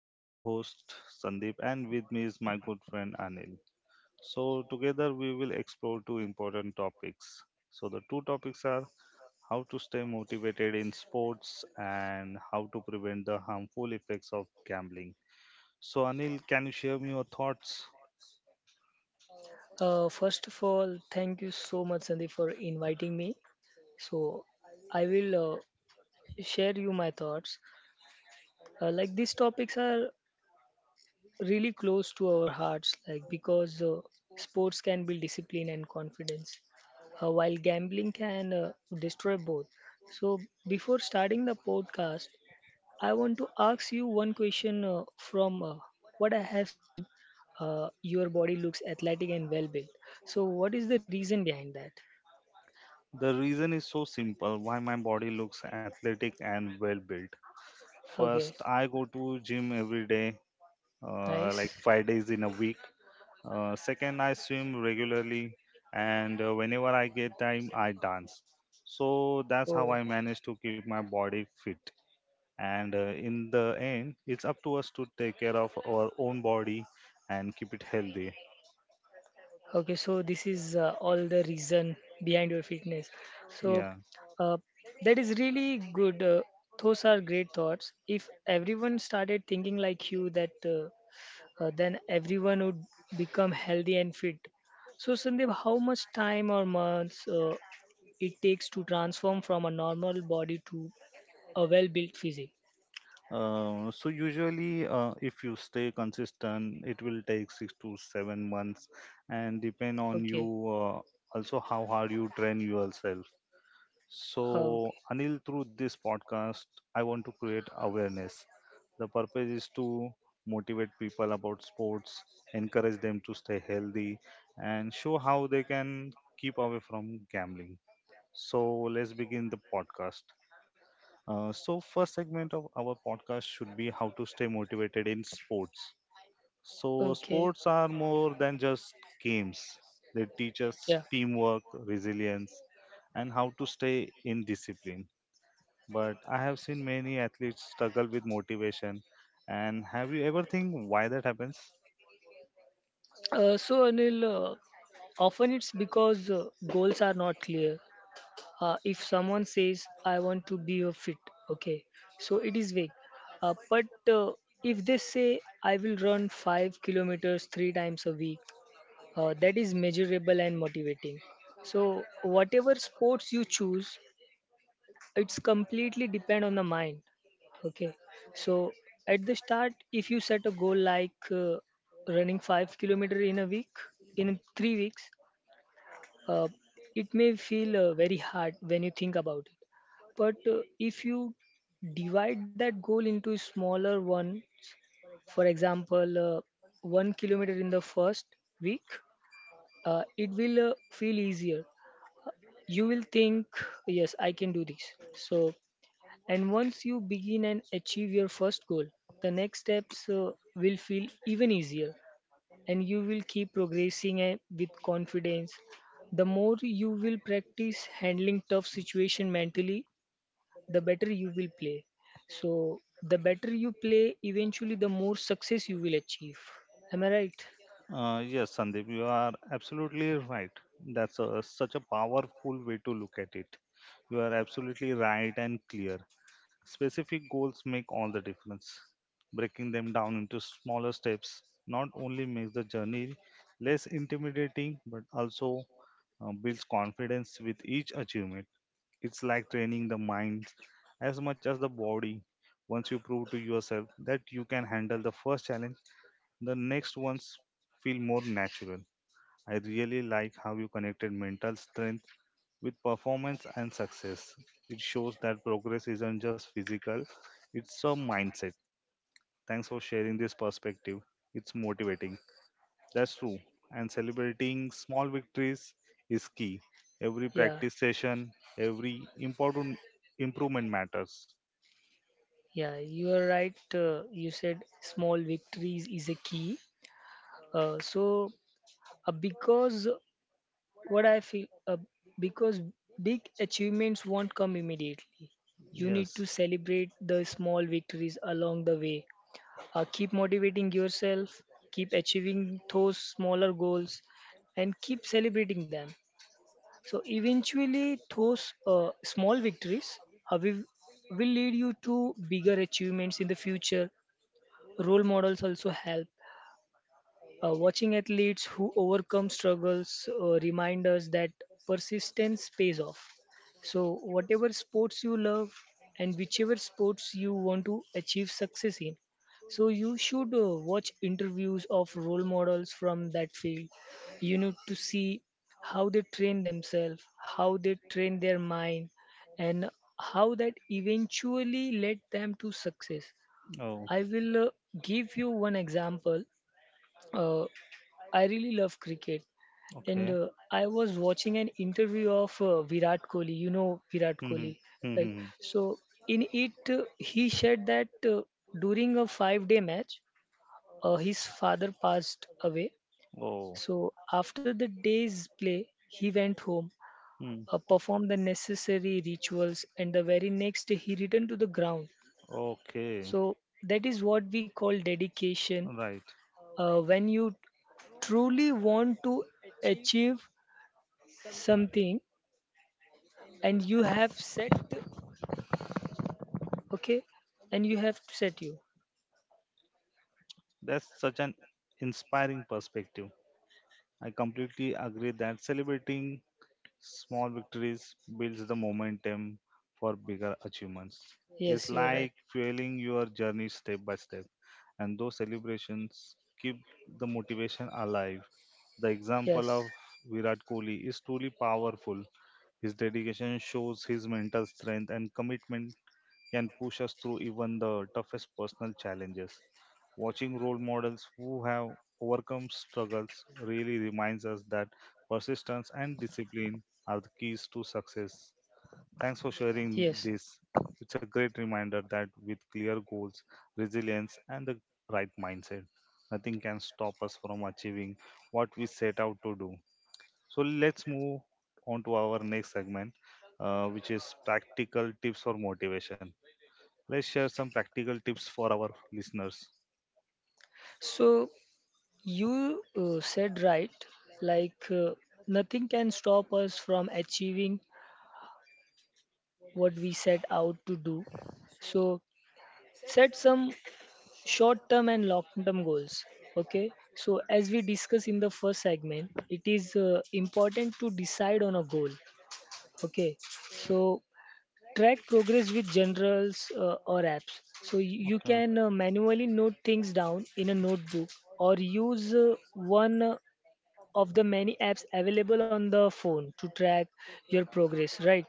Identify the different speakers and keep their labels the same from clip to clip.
Speaker 1: I'm your host, Sandeep, and with me is my good friend Anil. Together we will explore two important topics. So, the two topics are how to stay motivated in sports and how to prevent the harmful effects of gambling. So, Anil, can you share me your thoughts?
Speaker 2: First of all, thank you so much, Sandeep, for inviting me. So, I will share you my thoughts. Like these topics are really close to our hearts, like because sports can build discipline and confidence, while gambling can destroy both. So, before starting the podcast, I want to ask you one question from what I have seen. Your body looks athletic and well built. So, what is the reason behind that?
Speaker 1: The reason is so simple why my body looks athletic and well built.
Speaker 2: Okay,
Speaker 1: First, I go to gym every day,
Speaker 2: nice.
Speaker 1: like 5 days in a week. Second, I swim regularly, and whenever I get time, I dance. So that's how
Speaker 2: Oh,
Speaker 1: I manage to keep my body fit. And in the end, it's up to us to take care of our own body and keep it healthy.
Speaker 2: okay, so this is all the reason behind your fitness. So
Speaker 1: Yeah.
Speaker 2: uh, that is really good. Those are great thoughts. If everyone started thinking like you, that then everyone would become healthy and fit. So Sandeep, how much time or months it takes to transform from a normal body to a well-built physique?
Speaker 1: Usually, if you stay consistent, it will take 6 to 7 months, and depend on you
Speaker 2: Okay.
Speaker 1: also how hard you train yourself. So Anil, through this podcast, I want to create awareness. The purpose is to motivate people about sports, encourage them to stay healthy, and show how they can keep away from gambling. So let's begin the podcast. So first segment of our podcast should be how to stay motivated in sports. So sports are more than just games. They teach us
Speaker 2: Yeah.
Speaker 1: teamwork, resilience, and how to stay in discipline. But I have seen many athletes struggle with motivation. And have you ever think why that happens?
Speaker 2: So Anil, often it's because goals are not clear. If someone says, "I want to be a fit," okay, so it is vague. But uh, if they say, "I will run 5 kilometers three times a week," that is measurable and motivating. So whatever sports you choose, it's completely depend on the mind. Okay. So at the start, if you set a goal like running 5 kilometer in a week in 3 weeks, uh, it may feel very hard when you think about it. But if you divide that goal into smaller one, for example, 1 kilometer in the first week, it will feel easier. You will think, yes, I can do this. So, and once you begin and achieve your first goal, the next steps will feel even easier, and you will keep progressing with confidence. The more you will practice handling tough situation mentally, the better you will play. So, the better you play, eventually the more success you will achieve. Am I right?
Speaker 1: Yes, Sandeep, you are absolutely right. That's such a powerful way to look at it. You are absolutely right and clear. Specific goals make all the difference. Breaking them down into smaller steps not only makes the journey less intimidating but also builds confidence with each achievement. It's like training the mind as much as the body. Once you prove to yourself that you can handle the first challenge, the next ones feel more natural. I really like how you connected mental strength with performance and success. It shows that progress isn't just physical, it's a mindset. Thanks for sharing this perspective. It's motivating. That's true. And celebrating small victories is key. Every
Speaker 2: Yeah,
Speaker 1: practice session, every important improvement matters.
Speaker 2: yeah you are right. You said small victories is a key. Uh, so because what I feel because big achievements won't come immediately, you need to
Speaker 1: Yes.
Speaker 2: celebrate the small victories along the way. Keep motivating yourself, keep achieving those smaller goals, and keep celebrating them. So eventually, those small victories uh, will, will lead you to bigger achievements in the future. Role models also help. Watching athletes who overcome struggles remind us that persistence pays off. So, whatever sports you love and whichever sports you want to achieve success in, so you should watch interviews of role models from that field. You need to see how they train themselves, how they train their mind, and how that eventually led them to success.
Speaker 1: Oh.
Speaker 2: I will give you one example. Uh, I really love cricket, and
Speaker 1: Okay.
Speaker 2: I was watching an interview of Virat Kohli. You know Virat
Speaker 1: Mm-hmm.
Speaker 2: Kohli, right?
Speaker 1: Mm-hmm.
Speaker 2: So in it, he shared that during a five-day match, his father passed away.
Speaker 1: Oh.
Speaker 2: So after the day's play, he went home,
Speaker 1: Mm.
Speaker 2: performed the necessary rituals, and the very next day he returned to the ground.
Speaker 1: Okay.
Speaker 2: So that is what we call dedication.
Speaker 1: Right.
Speaker 2: When you truly want to achieve something and you have set, okay, and you have set you.
Speaker 1: That's such an inspiring perspective. I completely agree that celebrating small victories builds the momentum for bigger achievements. It's
Speaker 2: Yes, you're
Speaker 1: like
Speaker 2: right.
Speaker 1: fueling your journey step by step, and those celebrations keep the motivation alive. The example
Speaker 2: yes
Speaker 1: of Virat Kohli is truly powerful. His dedication shows his mental strength and commitment can push us through even the toughest personal challenges. Watching role models who have overcome struggles really reminds us that persistence and discipline are the keys to success. Thanks for
Speaker 2: yes
Speaker 1: sharing this. It's a great reminder that with clear goals, resilience, and the right mindset, nothing can stop us from achieving what we set out to do. So let's move on to our next segment, which is practical tips for motivation. Let's share some practical tips for our listeners.
Speaker 2: So you said right, like, nothing can stop us from achieving what we set out to do. So set some short term and long term goals. Okay, so as we discussed in the first segment, it is important to decide on a goal. Okay. So track progress with generals or apps. So you
Speaker 1: Okay.
Speaker 2: can manually note things down in a notebook, or use one of the many apps available on the phone to track your progress, right?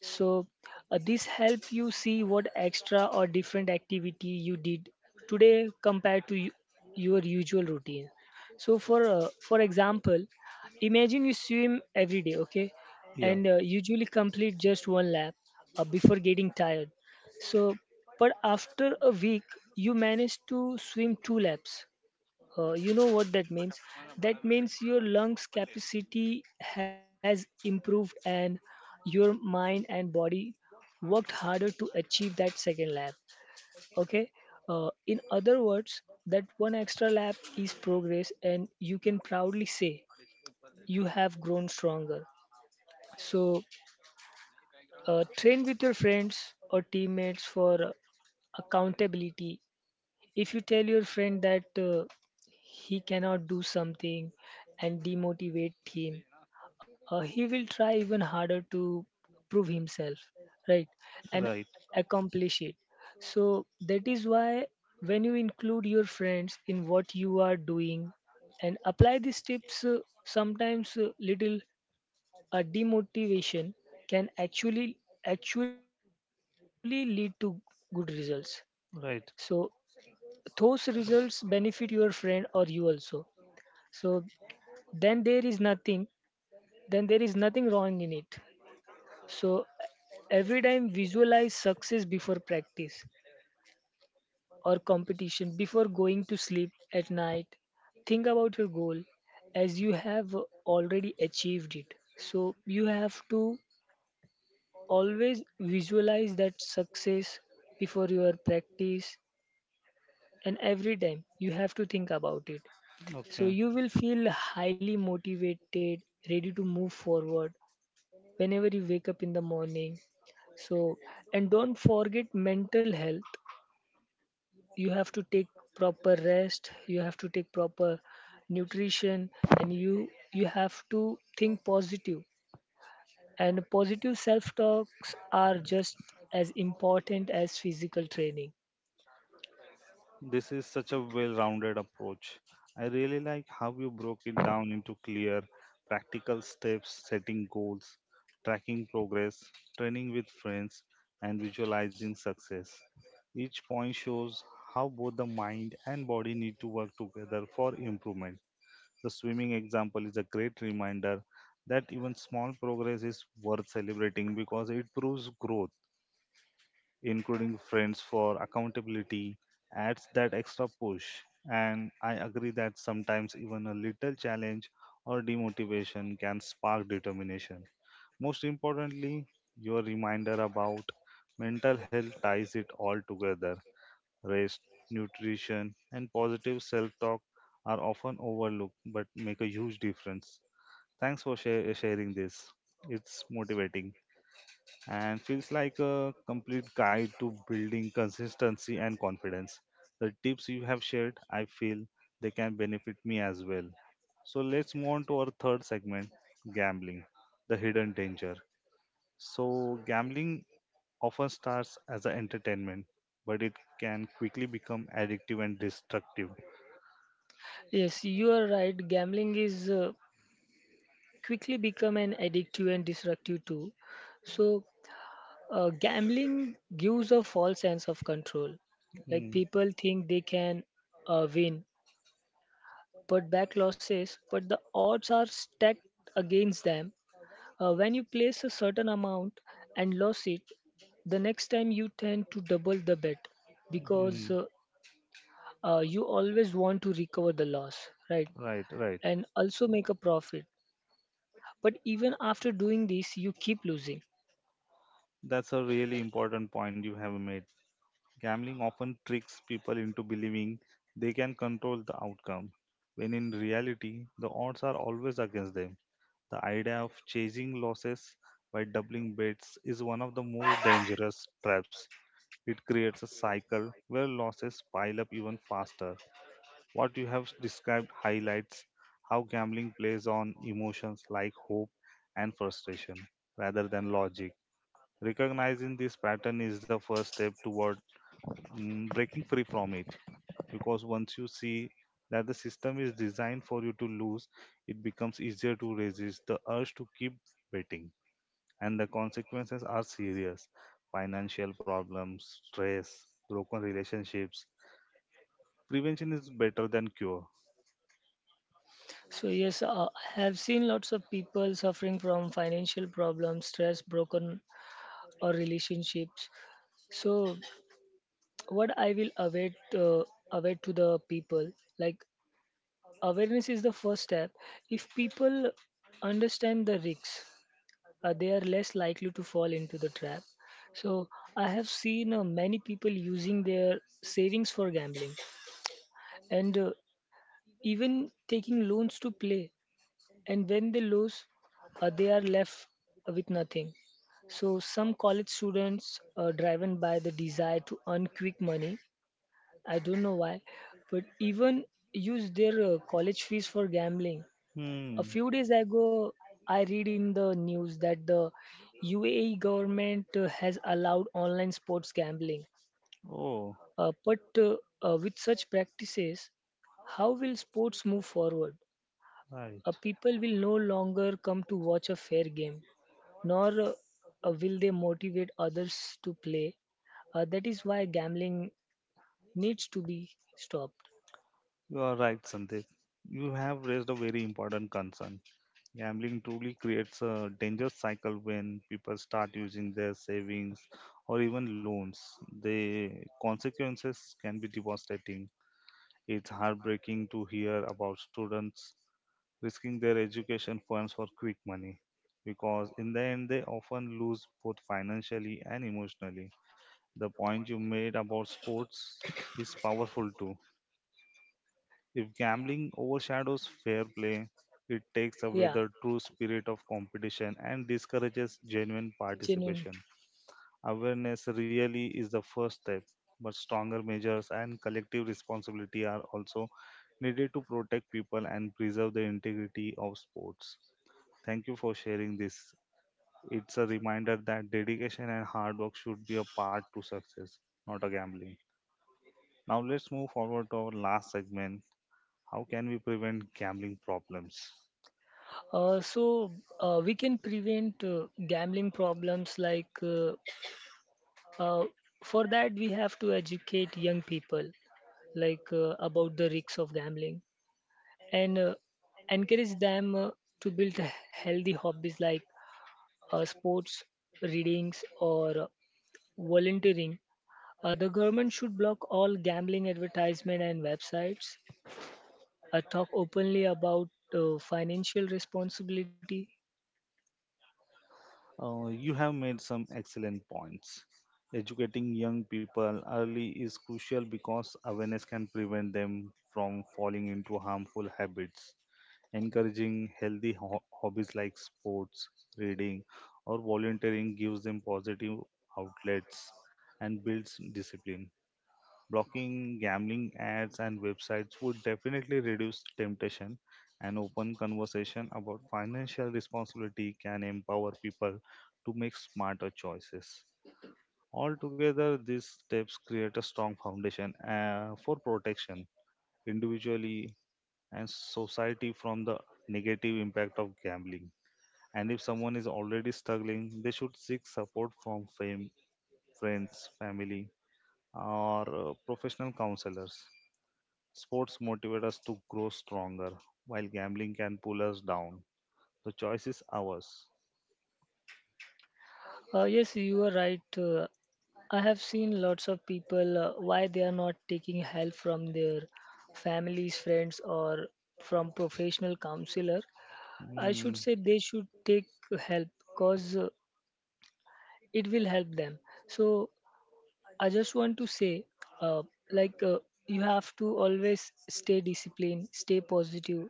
Speaker 2: So, this helps you see what extra or different activity you did today compared to your usual routine. So, for example, imagine you swim every day, okay,
Speaker 1: Yeah.
Speaker 2: and usually complete just one lap before getting tired. So, but after a week, you manage to swim two laps. You know what that means? That means your lungs capacity has improved and your mind and body worked harder to achieve that second lap. Okay? In other words, that one extra lap is progress, and you can proudly say you have grown stronger. So, train with your friends or teammates for accountability. If you tell your friend that he cannot do something and demotivate him, he will try even harder to prove himself, right, and
Speaker 1: Right.
Speaker 2: accomplish it. So that is why when you include your friends in what you are doing and apply these tips, sometimes little demotivation can actually lead to good results. So
Speaker 1: Right.
Speaker 2: those results benefit your friend or you also. So then there is nothing then there is nothing wrong in it. So every time visualize success before practice or competition. Before going to sleep at night, think about your goal as you have already achieved it. So you have to always visualize that success before your practice, and every time you have to think about it. So
Speaker 1: Okay.
Speaker 2: you will feel highly motivated, ready to move forward whenever you wake up in the morning. So, and don't forget mental health. You have to take proper rest, you have to take proper nutrition, and you have to think positive. And positive self-talks are just as important as physical training.
Speaker 1: This is such a well rounded approach. I really like how you broke it down into clear, practical steps, setting goals, tracking progress, training with friends, and visualizing success. Each point shows how both the mind and body need to work together for improvement. The swimming example is a great reminder that even small progress is worth celebrating because it proves growth. Including friends for accountability adds that extra push. And I agree that sometimes even a little challenge or demotivation can spark determination. Most importantly, your reminder about mental health ties it all together. Rest, nutrition, and positive self talk are often overlooked but make a huge difference. Thanks for share sharing this. It's motivating and feels like a complete guide to building consistency and confidence. The tips you have shared, I feel they can benefit me as well. So let's move on to our third segment, gambling, the hidden danger. So, gambling often starts as an entertainment, but it can quickly become addictive and destructive.
Speaker 2: Yes, you are right. Gambling is quickly become an addictive and disruptive too. So gambling gives a false sense of control. Like
Speaker 1: Hmm.
Speaker 2: people think they can win, put back losses, but the odds are stacked against them. When you place a certain amount and lose it, the next time you tend to double the bet because
Speaker 1: Mhm.
Speaker 2: uh, uh, you always want to recover the loss, right?
Speaker 1: Right, right.
Speaker 2: And also make a profit. But even after doing this, you keep losing.
Speaker 1: That's a really important point you have made. Gambling often tricks people into believing they can control the outcome, when in reality, the odds are always against them. The idea of chasing losses by doubling bets is one of the most dangerous traps. It creates a cycle where losses pile up even faster. What you have described highlights how gambling plays on emotions like hope and frustration rather than logic. Recognizing this pattern is the first step toward breaking free from it, because once you see that the system is designed for you to lose, it becomes easier to resist the urge to keep betting. And the consequences are serious: financial problems, stress, broken relationships. Prevention is better than cure.
Speaker 2: So yes, I have seen lots of people suffering from financial problems, stress, broken or relationships. So what I will await await to the people, like awareness is the first step. If people understand the risks, they are less likely to fall into the trap. So I have seen many people using their savings for gambling, and even taking loans to play, and when they lose, they are left with nothing. So some college students are driven by the desire to earn quick money. I don't know why, but even use their college fees for gambling. A
Speaker 1: Hmm.
Speaker 2: few days ago, I read in the news that the UAE government has allowed online sports gambling.
Speaker 1: Oh.
Speaker 2: But with such practices, how will sports move forward?
Speaker 1: Right.
Speaker 2: People will no longer come to watch a fair game, nor will they motivate others to play. That is why gambling needs to be stopped.
Speaker 1: You are right, Sandeep. You have raised a very important concern. Gambling truly creates a dangerous cycle when people start using their savings or even loans. The consequences can be devastating. It's heartbreaking to hear about students risking their education funds for quick money, because in the end they often lose both financially and emotionally. The point you made about sports is powerful too. If gambling overshadows fair play, it takes away
Speaker 2: Yeah,
Speaker 1: the true spirit of competition and discourages genuine
Speaker 2: genuine.
Speaker 1: participation. Awareness really is the first step, but stronger measures and collective responsibility are also needed to protect people and preserve the integrity of sports. Thank you for sharing this. It's a reminder that dedication and hard work should be a part to success, not a gambling. Now let's move forward to our last segment. How can we prevent gambling problems?
Speaker 2: So we can prevent gambling problems, like uh, uh, for that we have to educate young people, like, about the risks of gambling, and encourage them to build healthy hobbies like sports, readings, or volunteering. The government should block all gambling advertisement and websites. Talk openly about financial responsibility.
Speaker 1: You have made some excellent points. Educating young people early is crucial because awareness can prevent them from falling into harmful habits. Encouraging healthy hobbies like sports, reading, or volunteering gives them positive outlets and builds discipline. Blocking gambling ads and websites would definitely reduce temptation, and open conversation about financial responsibility can empower people to make smarter choices. Altogether, these steps create a strong foundation for protection individually and society from the negative impact of gambling. And if someone is already struggling, they should seek support from friends, family, or professional counselors. Sports motivate us to grow stronger, while gambling can pull us down. The choice is ours.
Speaker 2: Yes, you are right. I have seen lots of people why they are not taking help from their families, friends, or from professional counselor. I should
Speaker 1: Hmm,
Speaker 2: say they should take help because it will help them. So I just want to say, uh, like, you have to always stay disciplined, stay positive,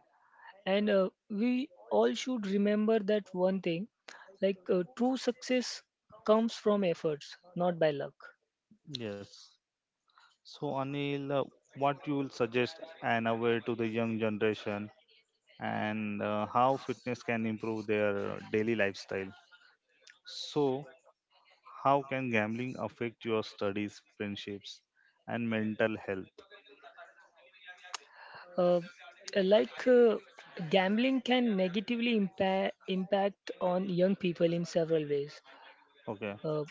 Speaker 2: and we all should remember that one thing: like, true success comes from efforts, not by luck.
Speaker 1: yes. So, Anil, what you will suggest and aware to the young generation, and how fitness can improve their daily lifestyle? So, how can gambling affect your studies, friendships, and mental health?
Speaker 2: uh, like, gambling can negatively impact on young people in several ways,
Speaker 1: Okay,
Speaker 2: uh, uh,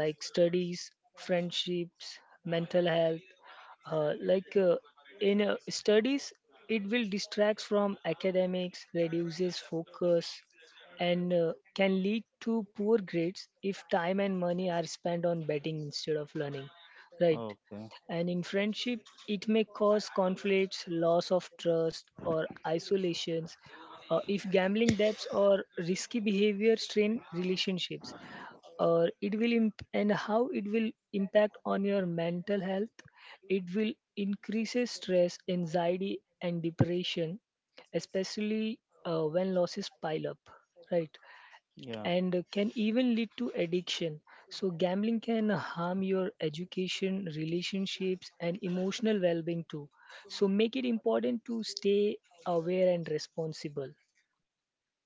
Speaker 2: like studies, friendships, mental health. Like, in studies, it will distract from academics, reduces focus, and can lead to poor grades if time and money are spent on betting instead of learning. Right.
Speaker 1: okay,
Speaker 2: And in friendship, it may cause conflicts, loss of trust, or isolations if gambling debts or risky behavior strain relationships, or and how it will impact on your mental health, it will increases stress, anxiety, and depression, especially when losses pile up, right,
Speaker 1: yeah.
Speaker 2: and can even lead to addiction. So gambling can harm your education, relationships, and emotional well-being too, so make it important to stay aware and responsible.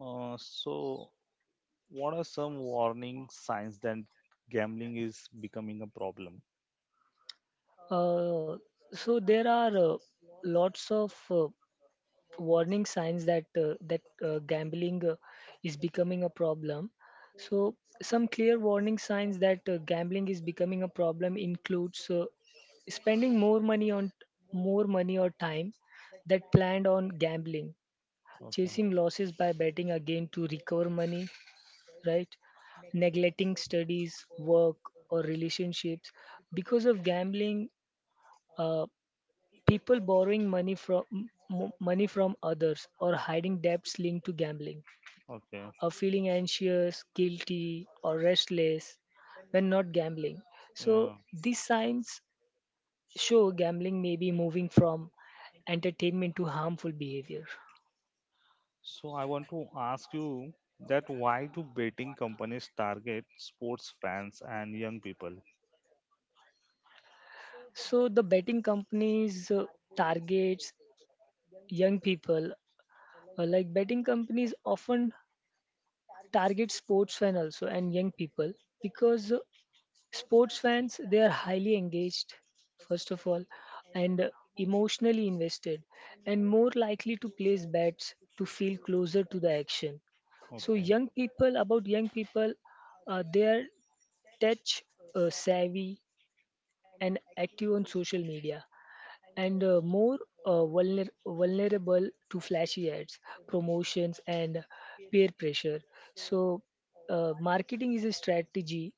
Speaker 1: So, what are some warning signs that gambling is becoming a problem?
Speaker 2: Uh, so there are lots of warning signs that gambling is becoming a problem. So some clear warning signs that gambling is becoming a problem includes spending more money on more money or time that planned on gambling,
Speaker 1: Okay.
Speaker 2: chasing losses by betting again to recover money, right, neglecting studies, work, or relationships because of gambling. Uh, People borrowing money from money from others or hiding debts linked to gambling,
Speaker 1: Okay.
Speaker 2: or feeling anxious, guilty, or restless when not gambling. So
Speaker 1: Yeah.
Speaker 2: these signs show gambling may be moving from entertainment to harmful behavior.
Speaker 1: So I want to ask you that why do betting companies target sports fans and young people?
Speaker 2: So the betting companies targets young people. Like betting companies often target sports fan also and young people, because sports fans, they are highly engaged, first of all, and emotionally invested, and more likely to place bets to feel closer to the action. So
Speaker 1: Okay.
Speaker 2: young people, about young people, they are touch, savvy, and active on social media, and more vulnerable to flashy ads, promotions, and peer pressure. So marketing is a strategy,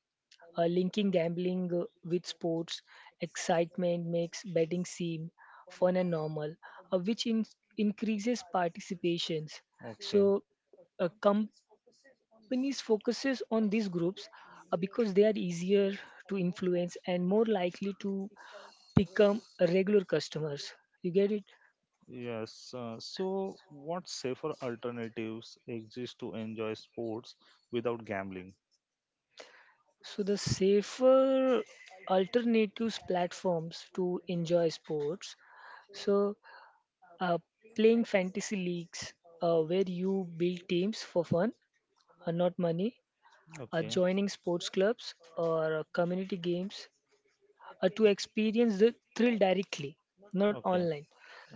Speaker 2: linking gambling with sports. Excitement makes betting seem fun and normal, uh, which in- increases participations.
Speaker 1: Okay.
Speaker 2: So companies focuses on these groups, because they are easier to influence and more likely to become regular customers. You get it?
Speaker 1: Yes. So what safer alternatives exist to enjoy sports without gambling?
Speaker 2: So the safer alternatives platforms to enjoy sports. So uh, playing fantasy leagues where you build teams for fun, not money,
Speaker 1: Okay.
Speaker 2: joining sports clubs or community games to experience the thrill directly, not
Speaker 1: Okay.
Speaker 2: online.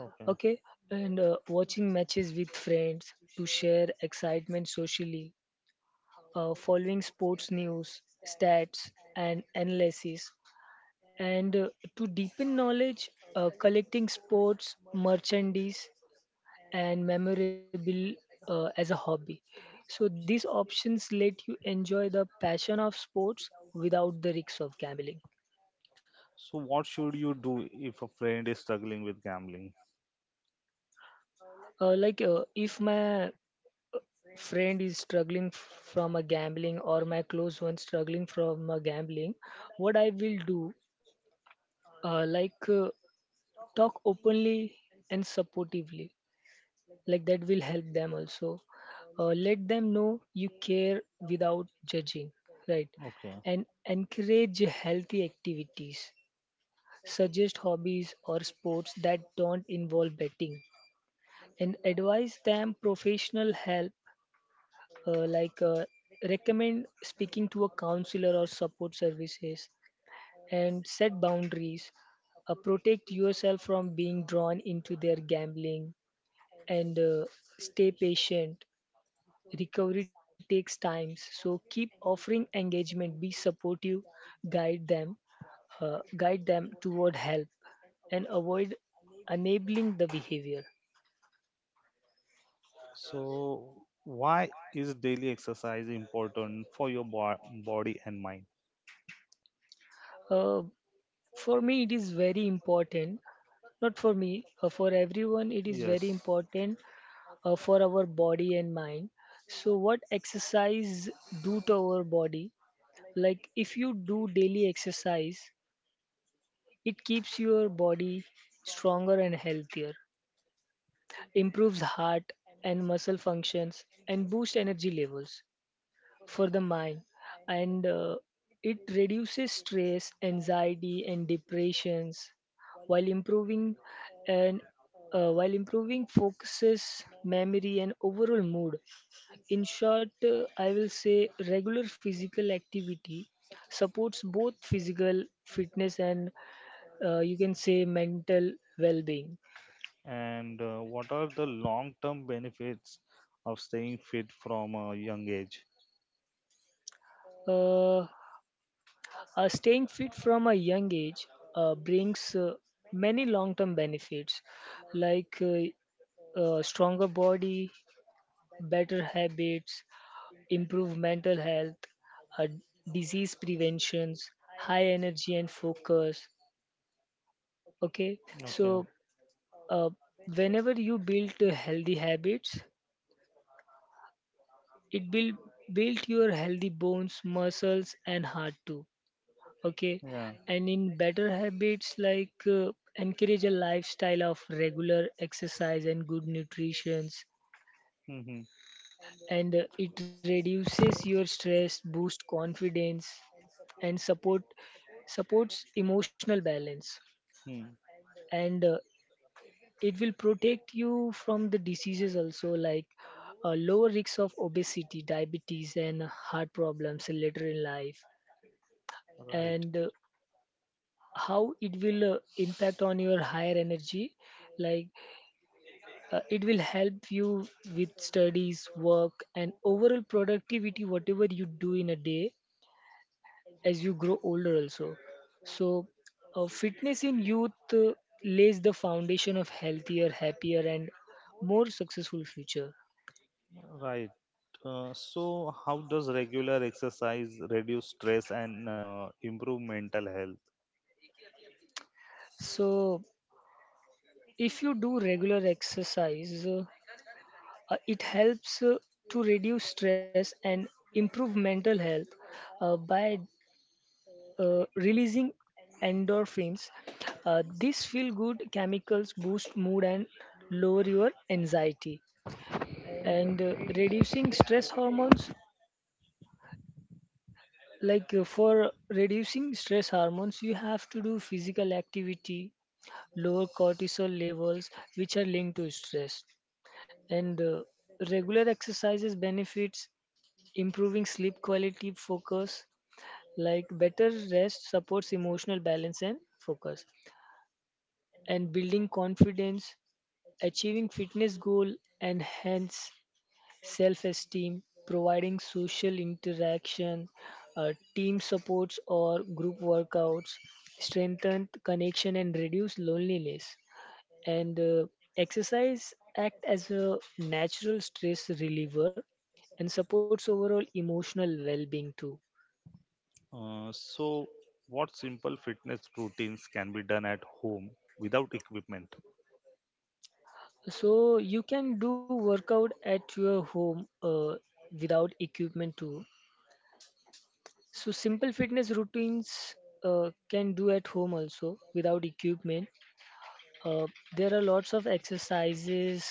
Speaker 1: Okay.
Speaker 2: Okay, and watching matches with friends to share excitement socially, following sports news, stats, and analysis, and to deepen knowledge, collecting sports merchandise and memorable as a hobby. So these options let you enjoy the passion of sports without the risks of gambling.
Speaker 1: So what should you do if a friend is struggling with gambling?
Speaker 2: If my friend is struggling from a gambling, or my close one struggling from a gambling, what I will do, uh, like uh, talk openly and supportively, like that will help them also. Let them know you care without judging, right,
Speaker 1: Okay.
Speaker 2: and encourage healthy activities, suggest hobbies or sports that don't involve betting, and advise them professional help, uh, like uh, recommend speaking to a counselor or support services, and set boundaries, protect yourself from being drawn into their gambling, and stay patient. Recovery takes time, so keep offering engagement, be supportive, guide them, guide them toward help, and avoid enabling the behavior.
Speaker 1: So why is daily exercise important for your body and mind?
Speaker 2: Uh, for me, it is very important. Not for me, for everyone, it is very important for our body and mind. So, what exercise do to our body? Like, if you do daily exercise, it keeps your body stronger and healthier, improves heart and muscle functions, and boosts energy levels. For the mind, and it reduces stress, anxiety, and depressions, while improving, and while improving focuses, memory, and overall mood. In short, I will say regular physical activity supports both physical fitness and, you can say, mental well-being.
Speaker 1: And what are the long term benefits of staying fit from a young age?
Speaker 2: uh, Staying fit from a young age brings many long term benefits, like stronger body, better habits, improved mental health, uh, disease preventions, high energy and focus. Okay,
Speaker 1: Okay.
Speaker 2: so uh, whenever you build healthy habits, it will build your healthy bones, muscles, and heart too. Okay,
Speaker 1: Yeah.
Speaker 2: and in better habits, like, encourage a lifestyle of regular exercise and good nutrition,
Speaker 1: Mm-hmm.
Speaker 2: and it reduces your stress, boost confidence, and supports emotional balance,
Speaker 1: Mm.
Speaker 2: and it will protect you from the diseases also, like a lower risk of obesity, diabetes, and heart problems later in life.
Speaker 1: Right.
Speaker 2: And how it will impact on your higher energy, like, it will help you with studies, work, and overall productivity, whatever you do in a day, as you grow older also. So fitness in youth lays the foundation of healthier, happier, and more successful future.
Speaker 1: Right. So, how does regular exercise reduce stress and improve mental health?
Speaker 2: So if you do regular exercise, it helps to reduce stress and improve mental health by releasing endorphins. These feel good chemicals boost mood and lower your anxiety, and reducing stress hormones, like, for reducing stress hormones you have to do physical activity, lower cortisol levels, which are linked to stress. And regular exercises benefits improving sleep quality, focus, like better rest supports emotional balance and focus, and building confidence, achieving fitness goal and hence self-esteem, providing social interaction, team supports or group workouts, strengthen connection and reduce loneliness. And exercise act as a natural stress reliever and supports overall emotional well-being too.
Speaker 1: So, what simple fitness routines can be done at home without equipment?
Speaker 2: So you can do workout at your home without equipment too. So simple fitness routines can do at home also without equipment. Uh, there are lots of exercises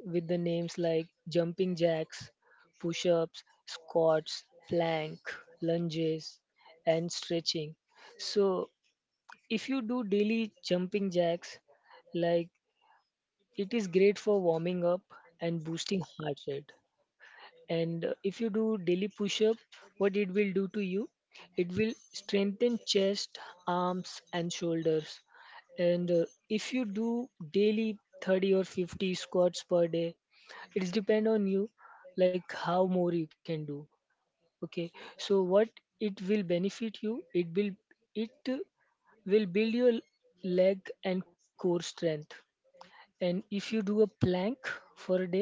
Speaker 2: with the names like jumping jacks, push-ups, squats, plank, lunges, and stretching. So if you do daily jumping jacks, like, it is great for warming up and boosting heart rate. And if you do daily push up, what it will do to you, it will strengthen chest, arms, and shoulders. And if you do daily 30 or 50 squats per day, it's depend on you, like how more you can do, okay. So what it will benefit you, it will, it will build your leg and core strength. And if you do a plank for a day,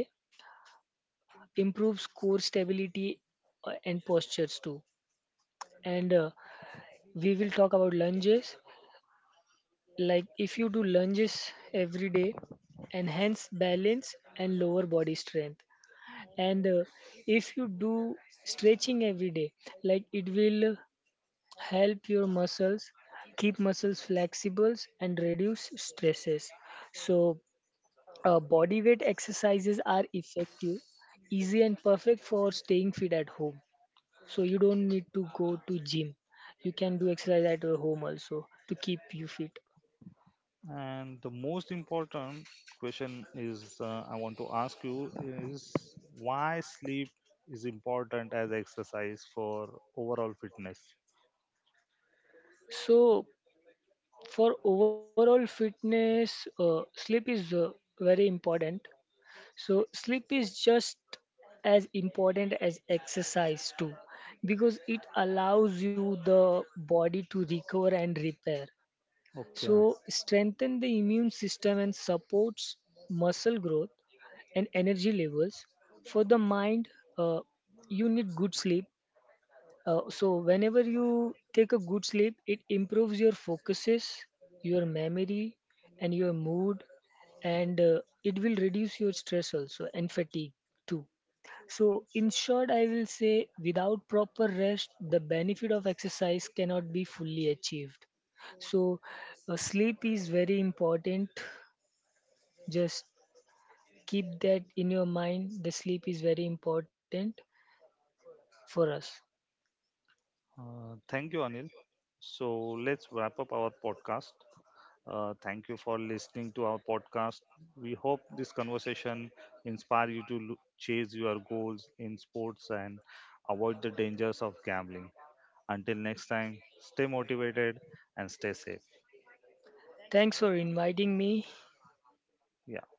Speaker 2: improves core stability and postures too. And we will talk about lunges. Like if you do lunges every day, enhance balance and lower body strength. And if you do stretching every day, like it will help your muscles, keep muscles flexible, and reduce stresses. So body weight exercises are effective, easy, and perfect for staying fit at home. So you don't need to go to gym, you can do exercise at your home also to keep you fit.
Speaker 1: And the most important question is, I want to ask you, is why sleep is important as exercise for overall fitness?
Speaker 2: So for overall fitness, sleep is very important. So sleep is just as important as exercise too, because it allows you the body to recover and repair.
Speaker 1: Okay.
Speaker 2: So, strengthen the immune system and supports muscle growth and energy levels. For the mind, uh, you need good sleep. So, whenever you take a good sleep, it improves your focuses, your memory, and your mood, and it will reduce your stress also and fatigue too. So, in short, I will say without proper rest, the benefit of exercise cannot be fully achieved. So, sleep is very important. Just keep that in your mind. The sleep is very important for us.
Speaker 1: Thank you, Anil. So, let's wrap up our podcast. Thank you for listening to our podcast. We hope this conversation inspire you to chase your goals in sports and avoid the dangers of gambling. Until next time, stay motivated and stay safe.
Speaker 2: Thanks for inviting me.
Speaker 1: Yeah.